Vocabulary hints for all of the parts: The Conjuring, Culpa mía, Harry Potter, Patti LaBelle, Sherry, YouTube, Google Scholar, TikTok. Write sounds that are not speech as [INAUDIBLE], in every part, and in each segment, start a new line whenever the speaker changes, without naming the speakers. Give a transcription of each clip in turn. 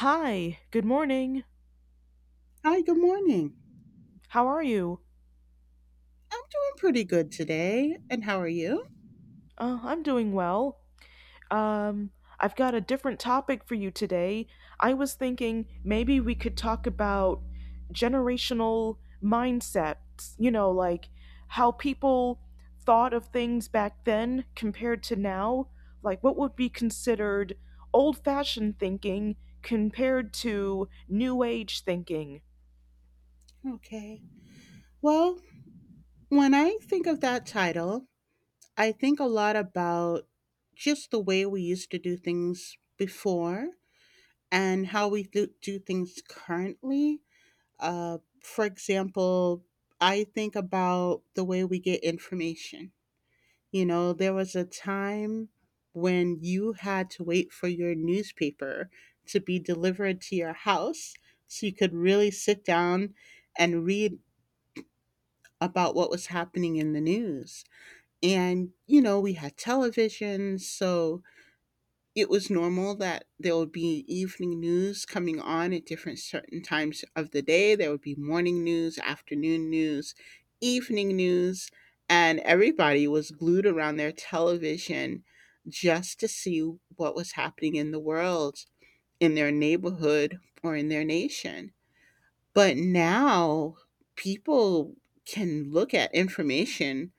Hi, good morning.
Hi, good morning.
How are you?
I'm doing pretty good today. And how are you?
I'm doing well. Um, I've got a different topic for you today. I was thinking maybe we could talk about generational mindsets, you know, like how people thought of things back then compared to now. Like, what would be considered old fashioned thinking compared to new age thinking?
Okay. Well, when I think of that title, I think a lot about just the way we used to do things before and how we do things currently. For example, I think about the way we get information. You know, there was a time when you had to wait for your newspaper to be delivered to your house so you could really sit down and read about what was happening in the news. And, you know, we had television, so it was normal that there would be evening news coming on at different certain times of the day. There would be morning news, afternoon news, evening news, and everybody was glued around their television just to see what was happening in the world, in their neighborhood, or in their nation. But now people can look at information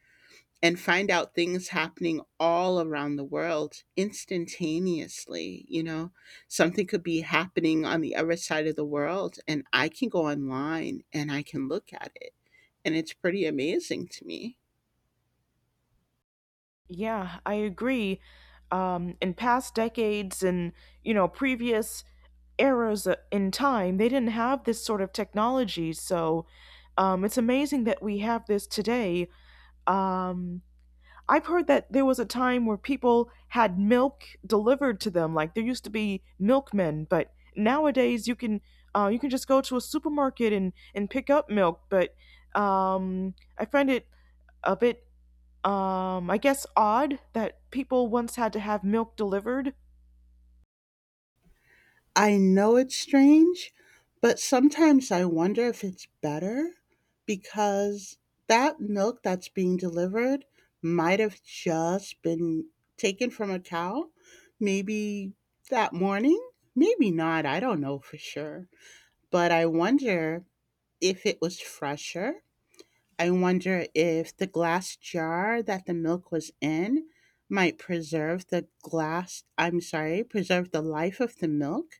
and find out things happening all around the world instantaneously. You know, something could be happening on the other side of the world, and I can go online and I can look at it. And it's pretty amazing to me.
Yeah, I agree. In past decades and previous eras in time, they didn't have this sort of technology. So it's amazing that we have this today. Um, I've heard that there was a time where people had milk delivered to them. Like there used to be milkmen, but nowadays you can just go to a supermarket and pick up milk. But I find it a bit I guess, odd that people once had to have milk delivered.
I know it's strange, but sometimes I wonder if it's better because that milk that's being delivered might have just been taken from a cow, maybe that morning, maybe not. I don't know for sure. But I wonder if it was fresher. I wonder if the glass jar that the milk was in might preserve the glass, I'm sorry, preserve the life of the milk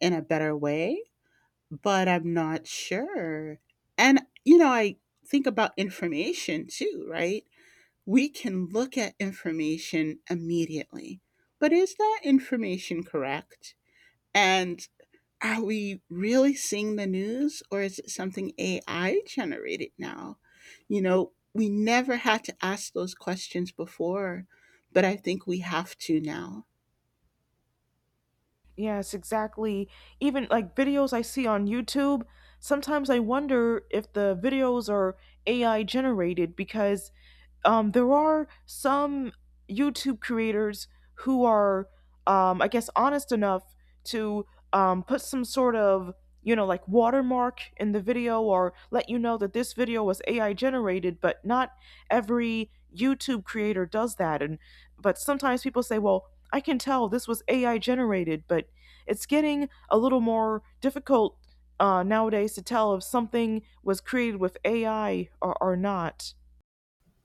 in a better way, but I'm not sure. And, you know, I think about information too, right? We can look at information immediately, but is that information correct? And are we really seeing the news, or is it something AI generated now? You know, we never had to ask those questions before, but I think we have to now.
Yes, exactly. Even like videos I see on YouTube, sometimes I wonder if the videos are AI generated because there are some YouTube creators who are, I guess, honest enough to put some sort of, you know, like watermark in the video or let you know that this video was AI generated, but not every YouTube creator does that. But sometimes people say, well, I can tell this was AI generated, but it's getting a little more difficult nowadays to tell if something was created with AI or not.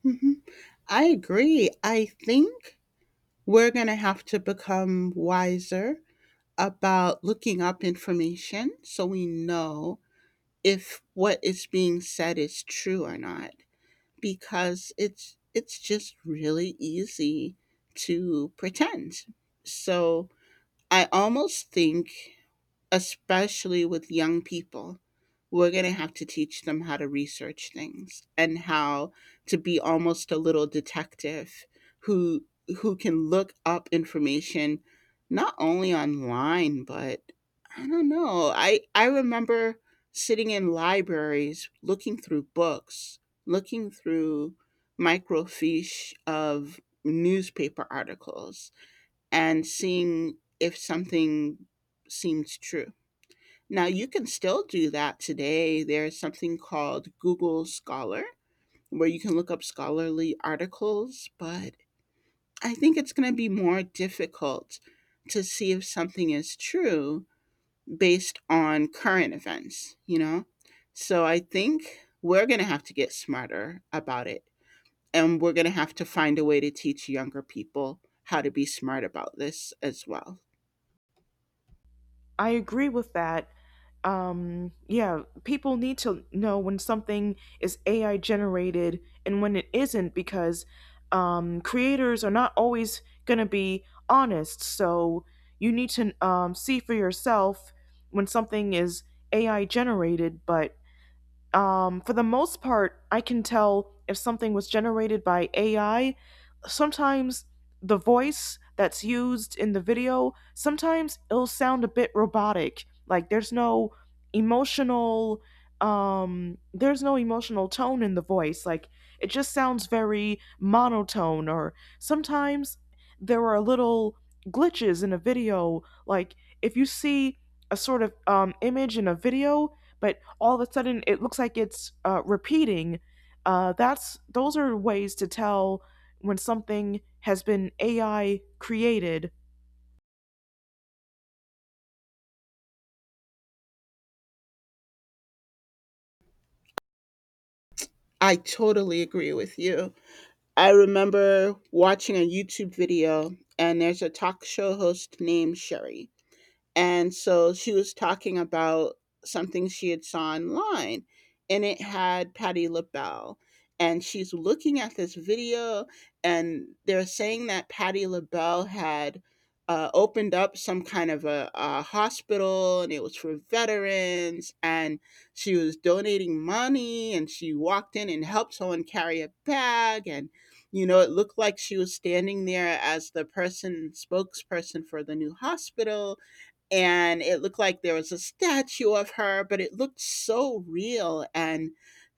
Mhm. I agree. I think we're going to have to become wiser about looking up information so we know if what is being said is true or not. Because it's just really easy to pretend. So I almost think, especially with young people, we're going to have to teach them how to research things and how to be almost a little detective who who can look up information not only online but I don't know. I remember sitting in libraries looking through books, looking through microfiche of newspaper articles and seeing if something seems true. Now, you can still do that today. There's something called Google Scholar where you can look up scholarly articles, but I think it's going to be more difficult to see if something is true based on current events, you know? So I think we're going to have to get smarter about it. And we're going to have to find a way to teach younger people how to be smart about this as well.
I agree with that. Yeah, people need to know when something is AI generated and when it isn't because creators are not always going to be honest. So you need to see for yourself when something is AI generated. But for the most part, I can tell if something was generated by AI. Sometimes the voice that's used in the video, sometimes it'll sound a bit robotic, like there's no emotional, there's no emotional tone in the voice, like it just sounds very monotone. Or sometimes there are little glitches in a video, like if you see a sort of image in a video, but all of a sudden it looks like it's repeating. Uh, that's those are ways to tell when something has been AI created.
I totally agree with you. I remember watching a YouTube video, and there's a talk show host named Sherry, and so she was talking about something she had saw online, and it had Patty LaBelle. And she's looking at this video, and they're saying that Patty LaBelle had opened up some kind of a hospital, and it was for veterans, and she was donating money, and she walked in and helped someone carry a bag. And, you know, it looked like she was standing there as the person, spokesperson for the new hospital, and it looked like there was a statue of her, but it looked so real, and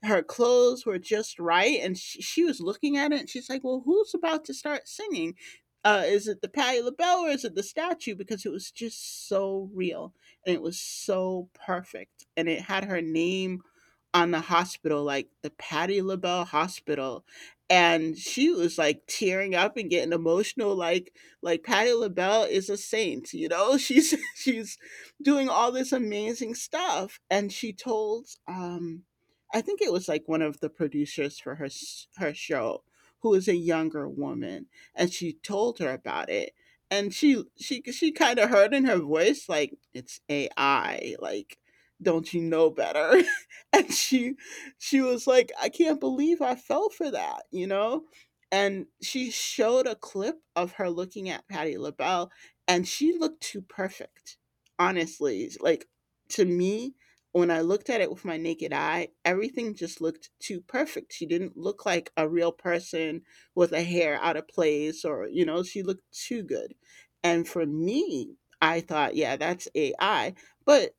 her clothes were just right. And she was looking at it, and she's like, well, who's about to start singing? Is it the Patti LaBelle or is it the statue? Because it was just so real, and it was so perfect. And it had her name on the hospital, like the Patty LaBelle Hospital. And she was like tearing up and getting emotional, like Patty LaBelle is a saint, you know. [LAUGHS] She's doing all this amazing stuff. And she told, I think it was like one of the producers for her her show, who is a younger woman, and she told her about it, and she kind of heard in her voice, like, it's AI, like don't you know better? [LAUGHS] [LAUGHS] And she was like, I can't believe I fell for that, you know. And she showed a clip of her looking at Patty LaBelle, and she looked too perfect, honestly. Like, to me, when I looked at it with my naked eye, everything just looked too perfect. She didn't look like a real person, with a hair out of place, or, you know, she looked too good. And for me, I thought, yeah, that's AI. But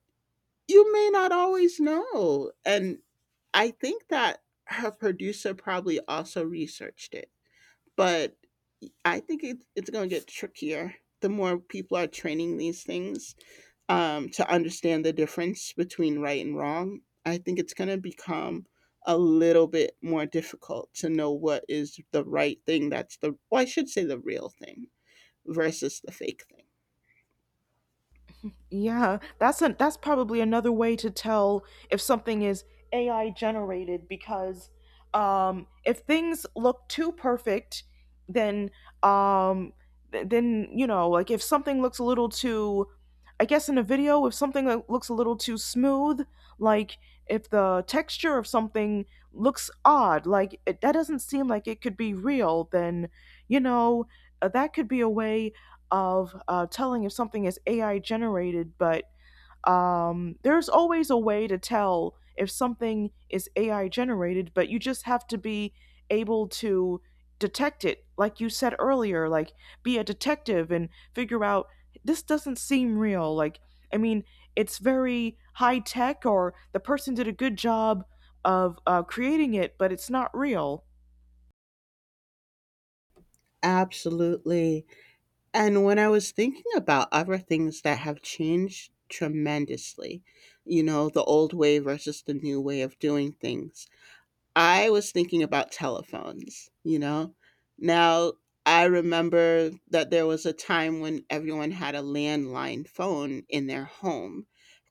you may not always know. And I think that her producer probably also researched it, but I think it's going to get trickier the more people are training these things, to understand the difference between right and wrong. I think it's going to become a little bit more difficult to know what is the right thing, that's the, well, I should say the real thing versus the fake thing.
Yeah, that's a that's probably another way to tell if something is AI generated because if things look too perfect, then um, then you know, like if something looks a little too, I guess in a video, if something that looks a little too smooth, like if the texture of something looks odd, like it, that doesn't seem like it could be real, then you know, that could be a way of telling if something is AI generated. But there's always a way to tell if something is AI generated, but you just have to be able to detect it, like you said earlier, like be a detective and figure out this doesn't seem real. Like, I mean, it's very high tech, or the person did a good job of creating it, but it's not real.
Absolutely. And when I was thinking about other things that have changed tremendously, you know, the old way versus the new way of doing things, I was thinking about telephones, you know? Now, I remember that there was a time when everyone had a landline phone in their home.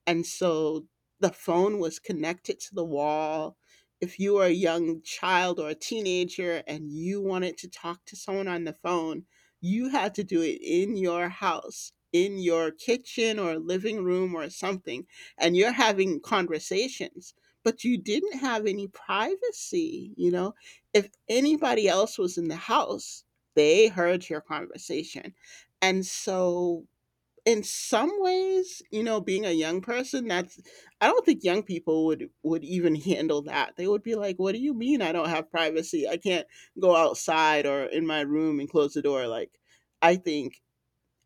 And so the phone was connected to the wall. If you were a young child or a teenager and you wanted to talk to someone on the phone, you had to do it in your house, in your kitchen or living room or something. And you're having conversations, but you didn't have any privacy. You know, if anybody else was in the house, they heard your conversation. And so, in some ways, you know, being a young person, that's, I don't think young people would even [LAUGHS] handle that. They would be like, what do you mean I don't have privacy? I can't go outside or in my room and close the door. Like, I think,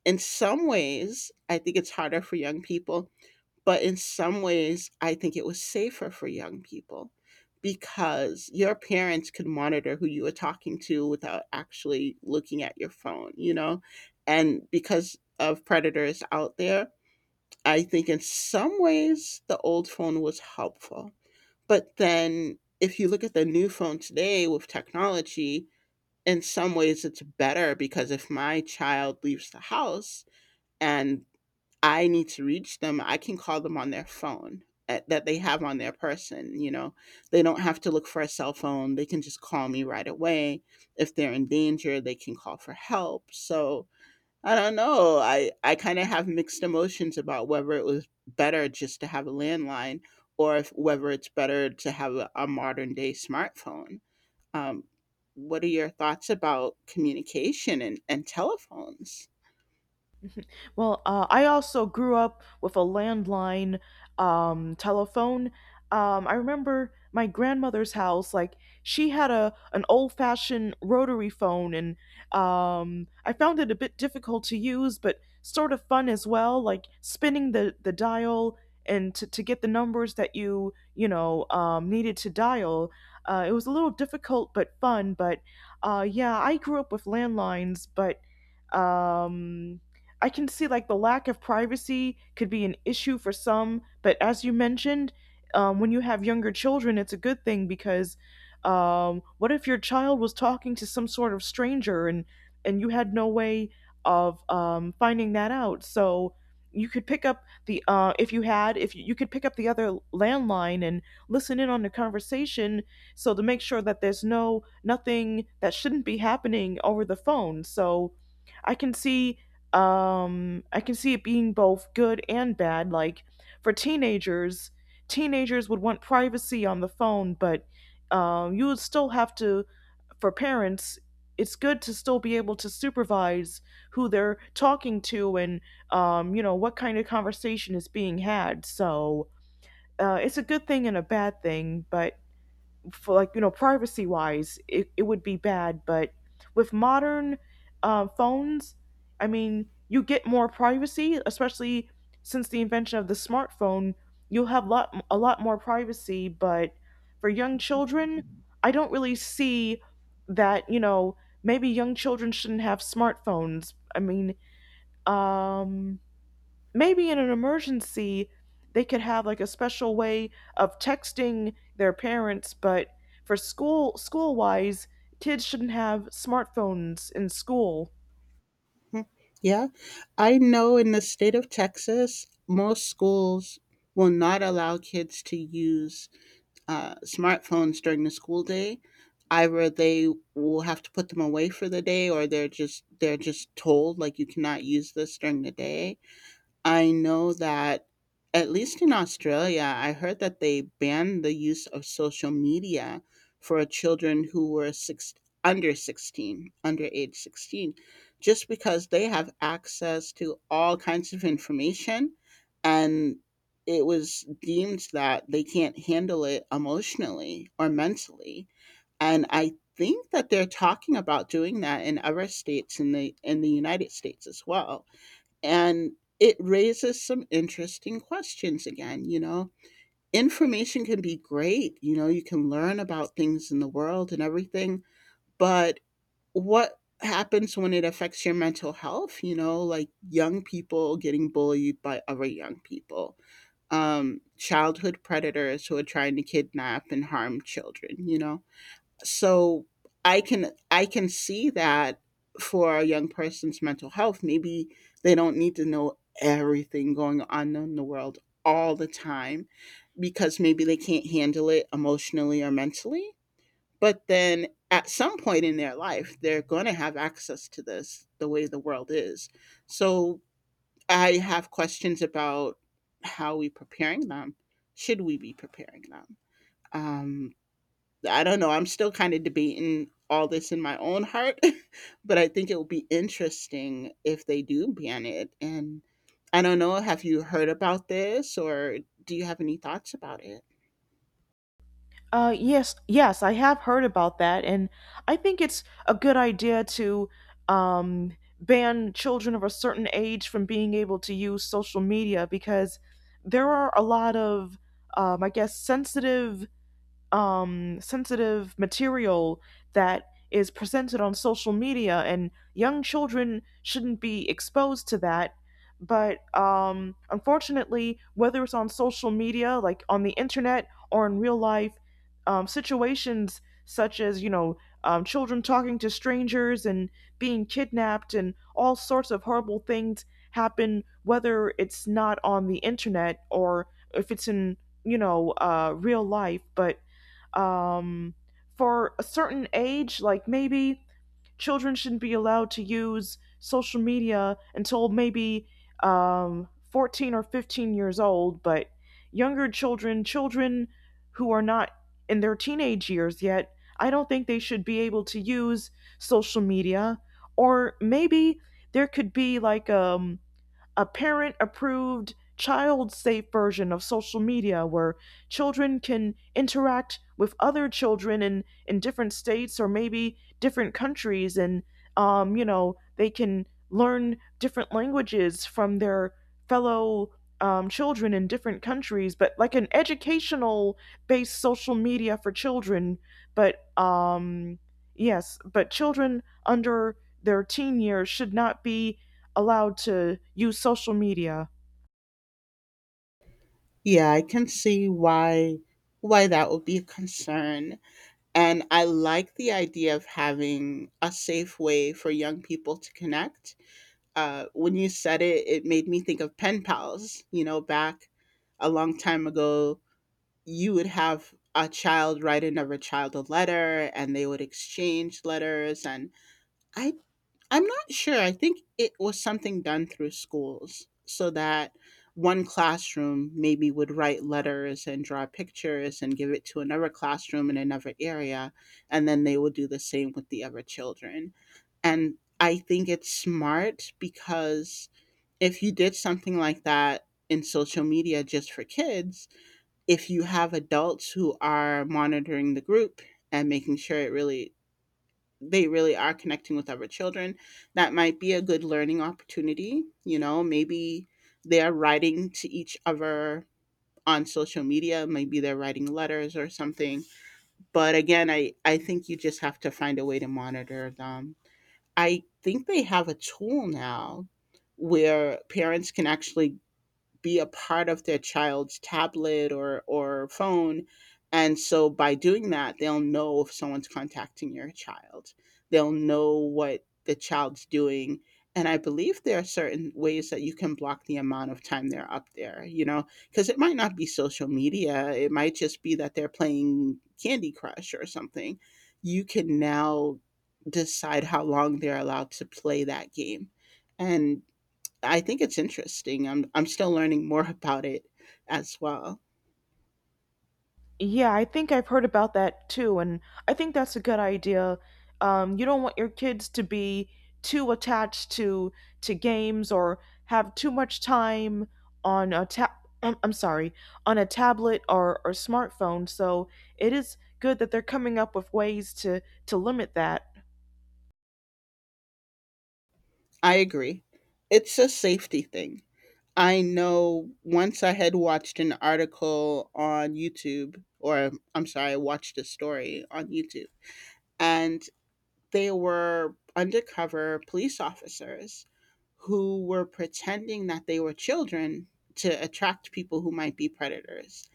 in some ways I think it's harder for young people, but in some ways, I think it was safer for young people, because your parents could monitor who you were talking to without actually looking at your phone, you know? And because of predators out there, I think in some ways the old phone was helpful. But then if you look at the new phone today with technology, in some ways it's better, because if my child leaves the house, and I need to reach them, I can call them on their phone, that they have on their person. You know, they don't have to look for a cell phone. They can just call me right away. If they're in danger, they can call for help. So I don't know. I kind of have mixed emotions about whether it was better just to have a landline, or if, whether it's better to have a modern day smartphone. Um, what are your thoughts about communication and telephones?
Well, I also grew up with a landline telephone. I remember my grandmother's house. Like she had a an old fashioned rotary phone, and I found it a bit difficult to use, but sort of fun as well. Like spinning the dial and to get the numbers that you know needed to dial. It was a little difficult but fun. But Yeah, I grew up with landlines, but um I can see like the lack of privacy could be an issue for some, but as you mentioned, when you have younger children, it's a good thing because what if your child was talking to some sort of stranger and you had no way of finding that out? So you could pick up the if you had if you, you could pick up the other landline and listen in on the conversation, so to make sure that there's no nothing that shouldn't be happening over the phone. So I can see I can see it being both good and bad, like for teenagers, teenagers would want privacy on the phone, but you would still have to, for parents, it's good to still be able to supervise who they're talking to and you know what kind of conversation is being had. So it's a good thing and a bad thing, but for like you know privacy wise, it would be bad. But with modern phones, I mean you get more privacy, especially since the invention of the smartphone, you'll have lot a lot more privacy. But for young children, I don't really see that, you know, maybe young children shouldn't have smartphones. I mean, um maybe in an emergency they could have like a special way of texting their parents, but for school wise, kids shouldn't have smartphones in school.
Yeah, I know in the state of Texas, most schools will not allow kids to use smartphones during the school day. Either they will have to put them away for the day, or they're just told, like, you cannot use this during the day. I know that at least in Australia, I heard that they banned the use of social media for children who were six, under 16, under age 16, just because they have access to all kinds of information, and it was deemed that they can't handle it emotionally or mentally. And I think that they're talking about doing that in other states in the United States as well. And it raises some interesting questions again, you know. Information can be great, you know, you can learn about things in the world and everything, but what happens when it affects your mental health? You know, like young people getting bullied by other young people, childhood predators who are trying to kidnap and harm children, you know. So I can see that for a young person's mental health, maybe they don't need to know everything going on in the world all the time, because maybe they can't handle it emotionally or mentally. But then at some point in their life, they're going to have access to this, the way the world is. So I have questions about how we preparing them, should we be preparing them. Um. I don't know. I'm still kind of debating all this in my own heart, [LAUGHS] but I think it will be interesting if they do ban it. And I don't know. Have you heard about this, or do you have any thoughts about it?
Yes yes, I have heard about that, and I think it's a good idea to um ban children of a certain age from being able to use social media, because there are a lot of I guess sensitive sensitive material that is presented on social media, and young children shouldn't be exposed to that. But unfortunately, whether it's on social media, like on the internet, or in real life, situations such as, you know, children talking to strangers and being kidnapped and all sorts of horrible things happen, whether it's not on the internet or if it's in, you know, real life. But um, for a certain age, like maybe children shouldn't be allowed to use social media until maybe 14 or 15 years old, but younger children, children who are not in their teenage years yet, I don't think they should be able to use social media. Or maybe there could be like a parent approved child safe version of social media where children can interact with other children in different states or maybe different countries, and you know they can learn different languages from their fellow children in different countries, but like an educational based social media for children. But yes, but children under their teen years should not be allowed to use social media.
Yeah, I can see why that would be a concern. And I like the idea of having a safe way for young people to connect. When you said it, it made me think of pen pals. You know, back a long time ago, you would have a child write another child a letter and they would exchange letters, and i I'm not sure. I think it was something done through schools, so that one classroom maybe would write letters and draw pictures and give it to another classroom in another area, and then they would do the same with the other children. And I think it's smart because if you did something like that in social media just for kids, if you have adults who are monitoring the group and making sure it really they really are connecting with other children, that might be a good learning opportunity. You know, maybe they're writing to each other on social media, maybe they're writing letters or something. But again, I think you just have to find a way to monitor them. I think they have a tool now where parents can actually be a part of their child's tablet or phone, and so by doing that, they'll know if someone's contacting your child, they'll know what the child's doing. And I believe there are certain ways that you can block the amount of time they're up there, you know, because it might not be social media, it might just be that they're playing candy crush or something. You can now decide how long they're allowed to play that game and. I think it's interesting. I'm still learning more about it as well.
Yeah, I think I've heard about that too, and I think that's a good idea. You don't want your kids to be too attached to games, or have too much time on a tab. I'm sorry, on a tablet or smartphone. So it is good that they're coming up with ways to limit that.
I agree. It's a safety thing. I know once I had watched an article on YouTube, or I'm sorry, I watched a story on YouTube, and they were undercover police officers who were pretending that they were children to attract people who might be predators.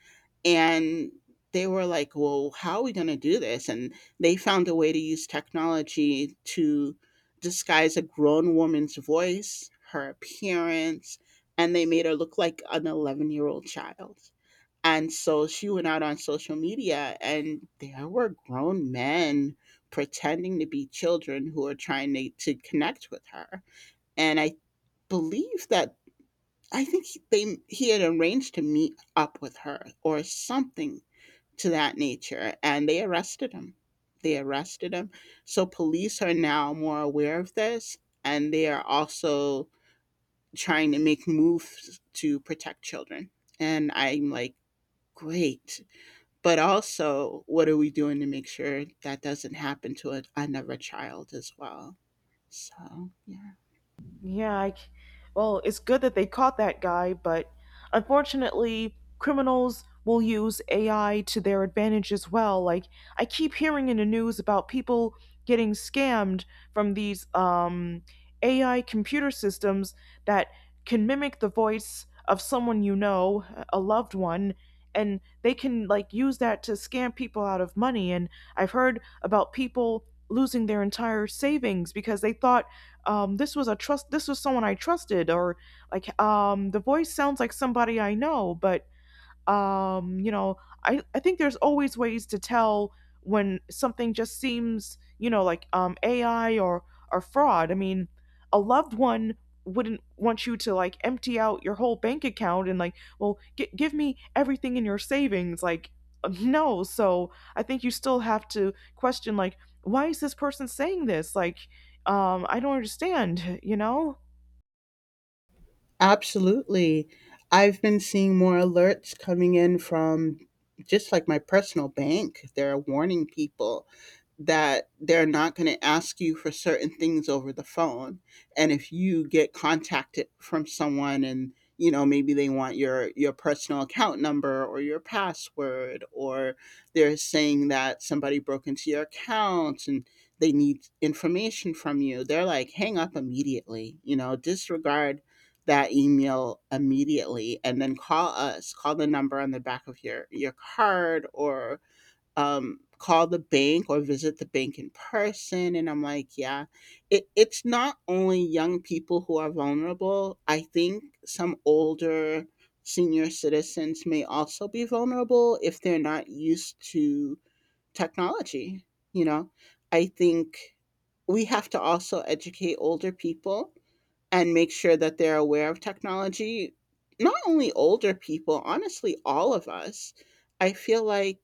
And they were like, well, how are we going to do this? And they found a way to use technology to disguise a grown woman's voice, her appearance, and they made her look like an 11-year-old child. And so she went out on social media, and there were grown men pretending to be children who are trying to connect with her. And I believe that, I think they, he had arranged to meet up with her or something to that nature, and they arrested him. they arrested him so police are now more aware of this, and they are also trying to make moves to protect children. And I'm like, great, but also what are we doing to make sure that doesn't happen to another child as well? So yeah.
Yeah, well, it's good that they caught that guy, but unfortunately, criminals will use AI to their advantage as well. Like, I keep hearing in the news about people getting scammed from these AI computer systems that can mimic the voice of someone you know, a loved one, and they can, like, use that to scam people out of money. And I've heard about people losing their entire savings because they thought this was a trust this was someone I trusted. Or like the voice sounds like somebody I know. But you know I think there's always ways to tell when something just seems, you know, like AI or fraud. I mean, a loved one wouldn't want you to like empty out your whole bank account and like, well give me everything in your savings, like [LAUGHS] no. So I think you still have to question, like, why is this person saying this, like I don't understand. [LAUGHS] You know.
Absolutely. I've been seeing more alerts coming in from just like my personal bank. They're warning people that they're not going to ask you for certain things over the phone. And if you get contacted from someone, and you know, maybe they want your personal account number or your password, or they're saying that somebody broke into your account and they need information from you, they're like, hang up immediately, you know, disregard that email immediately, and then call us, call the number on the back of your card, or call the bank or visit the bank in person. And I'm like, yeah, it's not only young people who are vulnerable. I think some older senior citizens may also be vulnerable if they're not used to technology, you know. I think we have to also educate older people and make sure that they're aware of technology. Not only older people, honestly, all of us. I feel like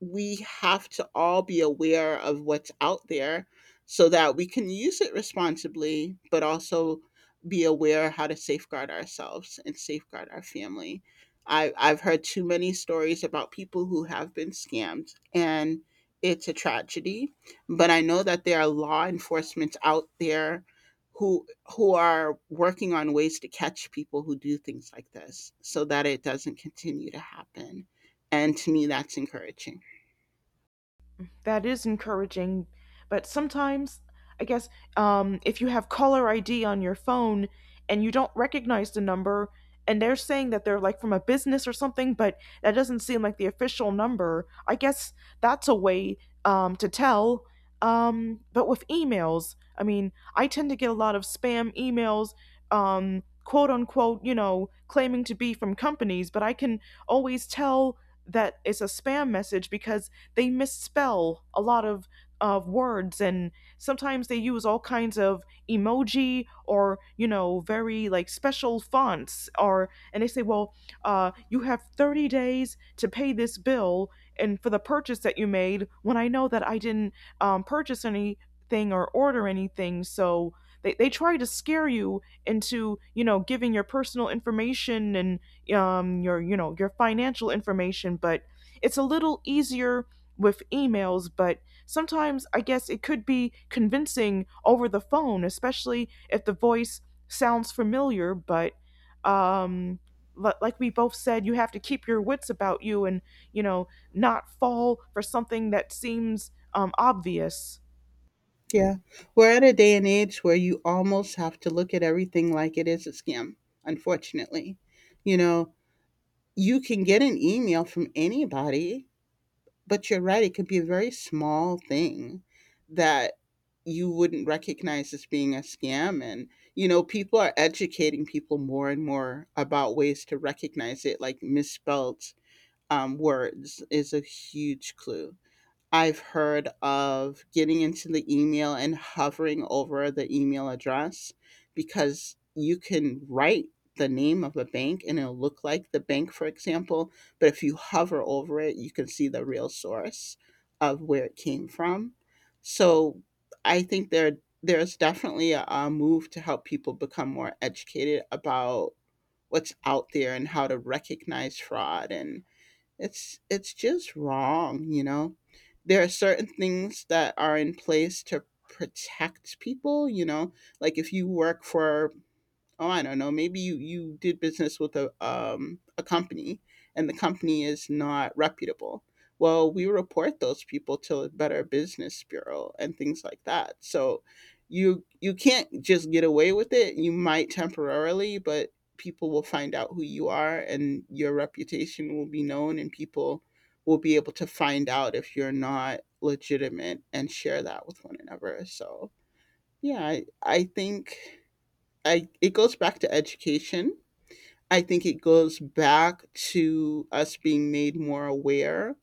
we have to all be aware of what's out there so that we can use it responsibly, but also be aware how to safeguard ourselves and safeguard our family. I've heard too many stories about people who have been scammed, and it's a tragedy. But I know that there are law enforcement out there who who are working on ways to catch people who do things like this, so that it doesn't continue to happen. And to me, that's encouraging.
That is encouraging. But sometimes, I guess, if you have caller ID on your phone and you don't recognize the number, and they're saying that they're like from a business or something, but that doesn't seem like the official number, I guess that's a way to tell. But with emails, I mean, I tend to get a lot of spam emails, quote unquote, you know, claiming to be from companies, but I can always tell that it's a spam message because they misspell a lot of words. And sometimes they use all kinds of emoji, or you know, very like special fonts, or and they say, well, you have 30 days to pay this bill and for the purchase that you made, when I know that I didn't purchase anything or order anything. So they try to scare you into, you know, giving your personal information and your you know your financial information. But it's a little easier with emails, but sometimes I guess it could be convincing over the phone, especially if the voice sounds familiar. But um, like we both said, you have to keep your wits about you and, you know, not fall for something that seems obvious.
Yeah. We're at a day and age where you almost have to look at everything like it is a scam, unfortunately. You know, you can get an email from anybody, but you're right, it could be a very small thing that you wouldn't recognize as being a scam. And, you know, people are educating people more and more about ways to recognize it, like misspelled words is a huge clue. I've heard of getting into the email and hovering over the email address, because you can write the name of a bank and it'll look like the bank, for example. But if you hover over it, you can see the real source of where it came from. So I think there's definitely a move to help people become more educated about what's out there and how to recognize fraud. And it's just wrong, you know. There are certain things that are in place to protect people, you know, like if you work for, oh, I don't know, maybe you did business with a company, and the company is not reputable, well, we report those people to the better business bureau and things like that. So you can't just get away with it, you might temporarily, but people will find out who you are and your reputation will be known, and people will be able to find out if you're not legitimate and share that with one another. So yeah, I think I it goes back to education. I think it goes back to us being made more aware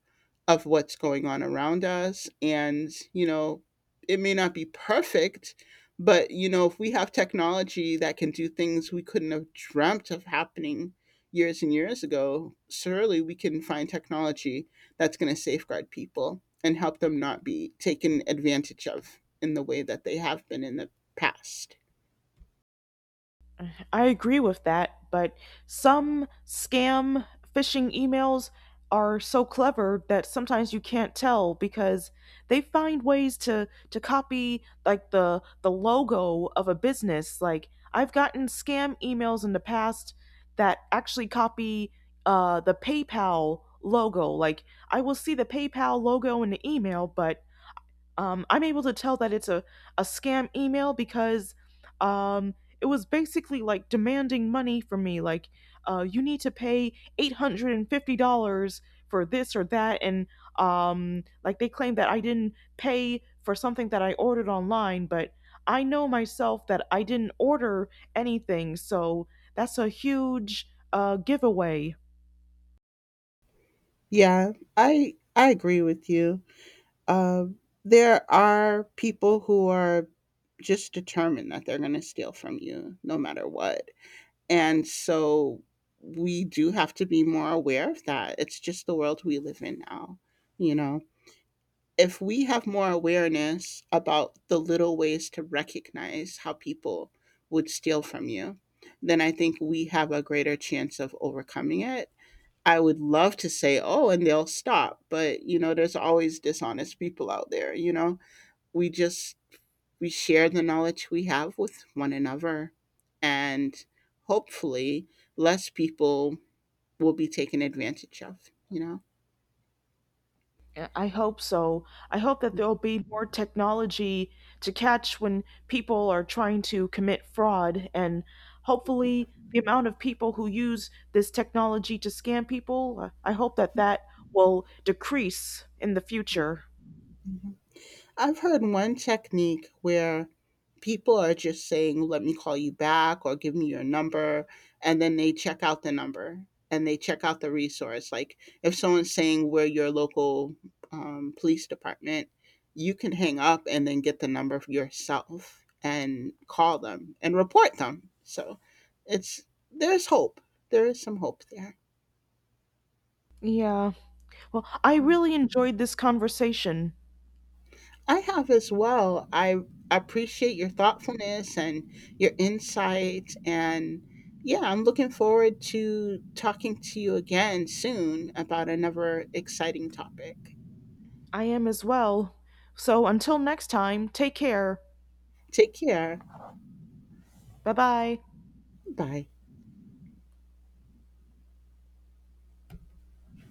of what's going on around us and, you know, it may not be perfect, but you know, if we have technology that can do things we couldn't have dreamt of happening years and years ago, surely we can find technology that's going to safeguard people and help them not be taken advantage of in the way that they have been in the past.
I agree with that, but some scam phishing emails are so clever that sometimes you can't tell, because they find ways to copy like the logo of a business. Like I've gotten scam emails in the past that actually copy the PayPal logo. Like I will see the PayPal logo in the email, but I'm able to tell that it's a scam email because um, it was basically like demanding money from me. Like, you need to pay $850 for this or that. And like, they claim that I didn't pay for something that I ordered online, but I know myself that I didn't order anything. So that's a huge giveaway.
Yeah, I agree with you. Um, there are people who are just determined that they're going to steal from you no matter what, and so we do have to be more aware of that. It's just the world we live in now, you know. If we have more awareness about the little ways to recognize how people would steal from you, then I think we have a greater chance of overcoming it. I would love to say, oh, and they'll stop. But, you know, there's always dishonest people out there, you know? We just, we share the knowledge we have with one another. And hopefully, less people will be taken advantage of, you know?
Yeah, I hope so. I hope that there'll be more technology to catch when people are trying to commit fraud, and hopefully, the amount of people who use this technology to scam people, I hope that that will decrease in the future.
I've heard one technique where people are just saying, "Let me call you back," or "Give me your number," and then they check out the number and they check out the resource. Like if someone's saying we're your local police department, you can hang up and then get the number yourself and call them and report them. So it's, there's hope. There is some hope there.
Yeah. Well, I really enjoyed this conversation.
I have as well. I appreciate your thoughtfulness and your insights. And yeah, I'm looking forward to talking to you again soon about another exciting topic.
I am as well. So until next time, take care.
Take care.
Bye bye.
Bye.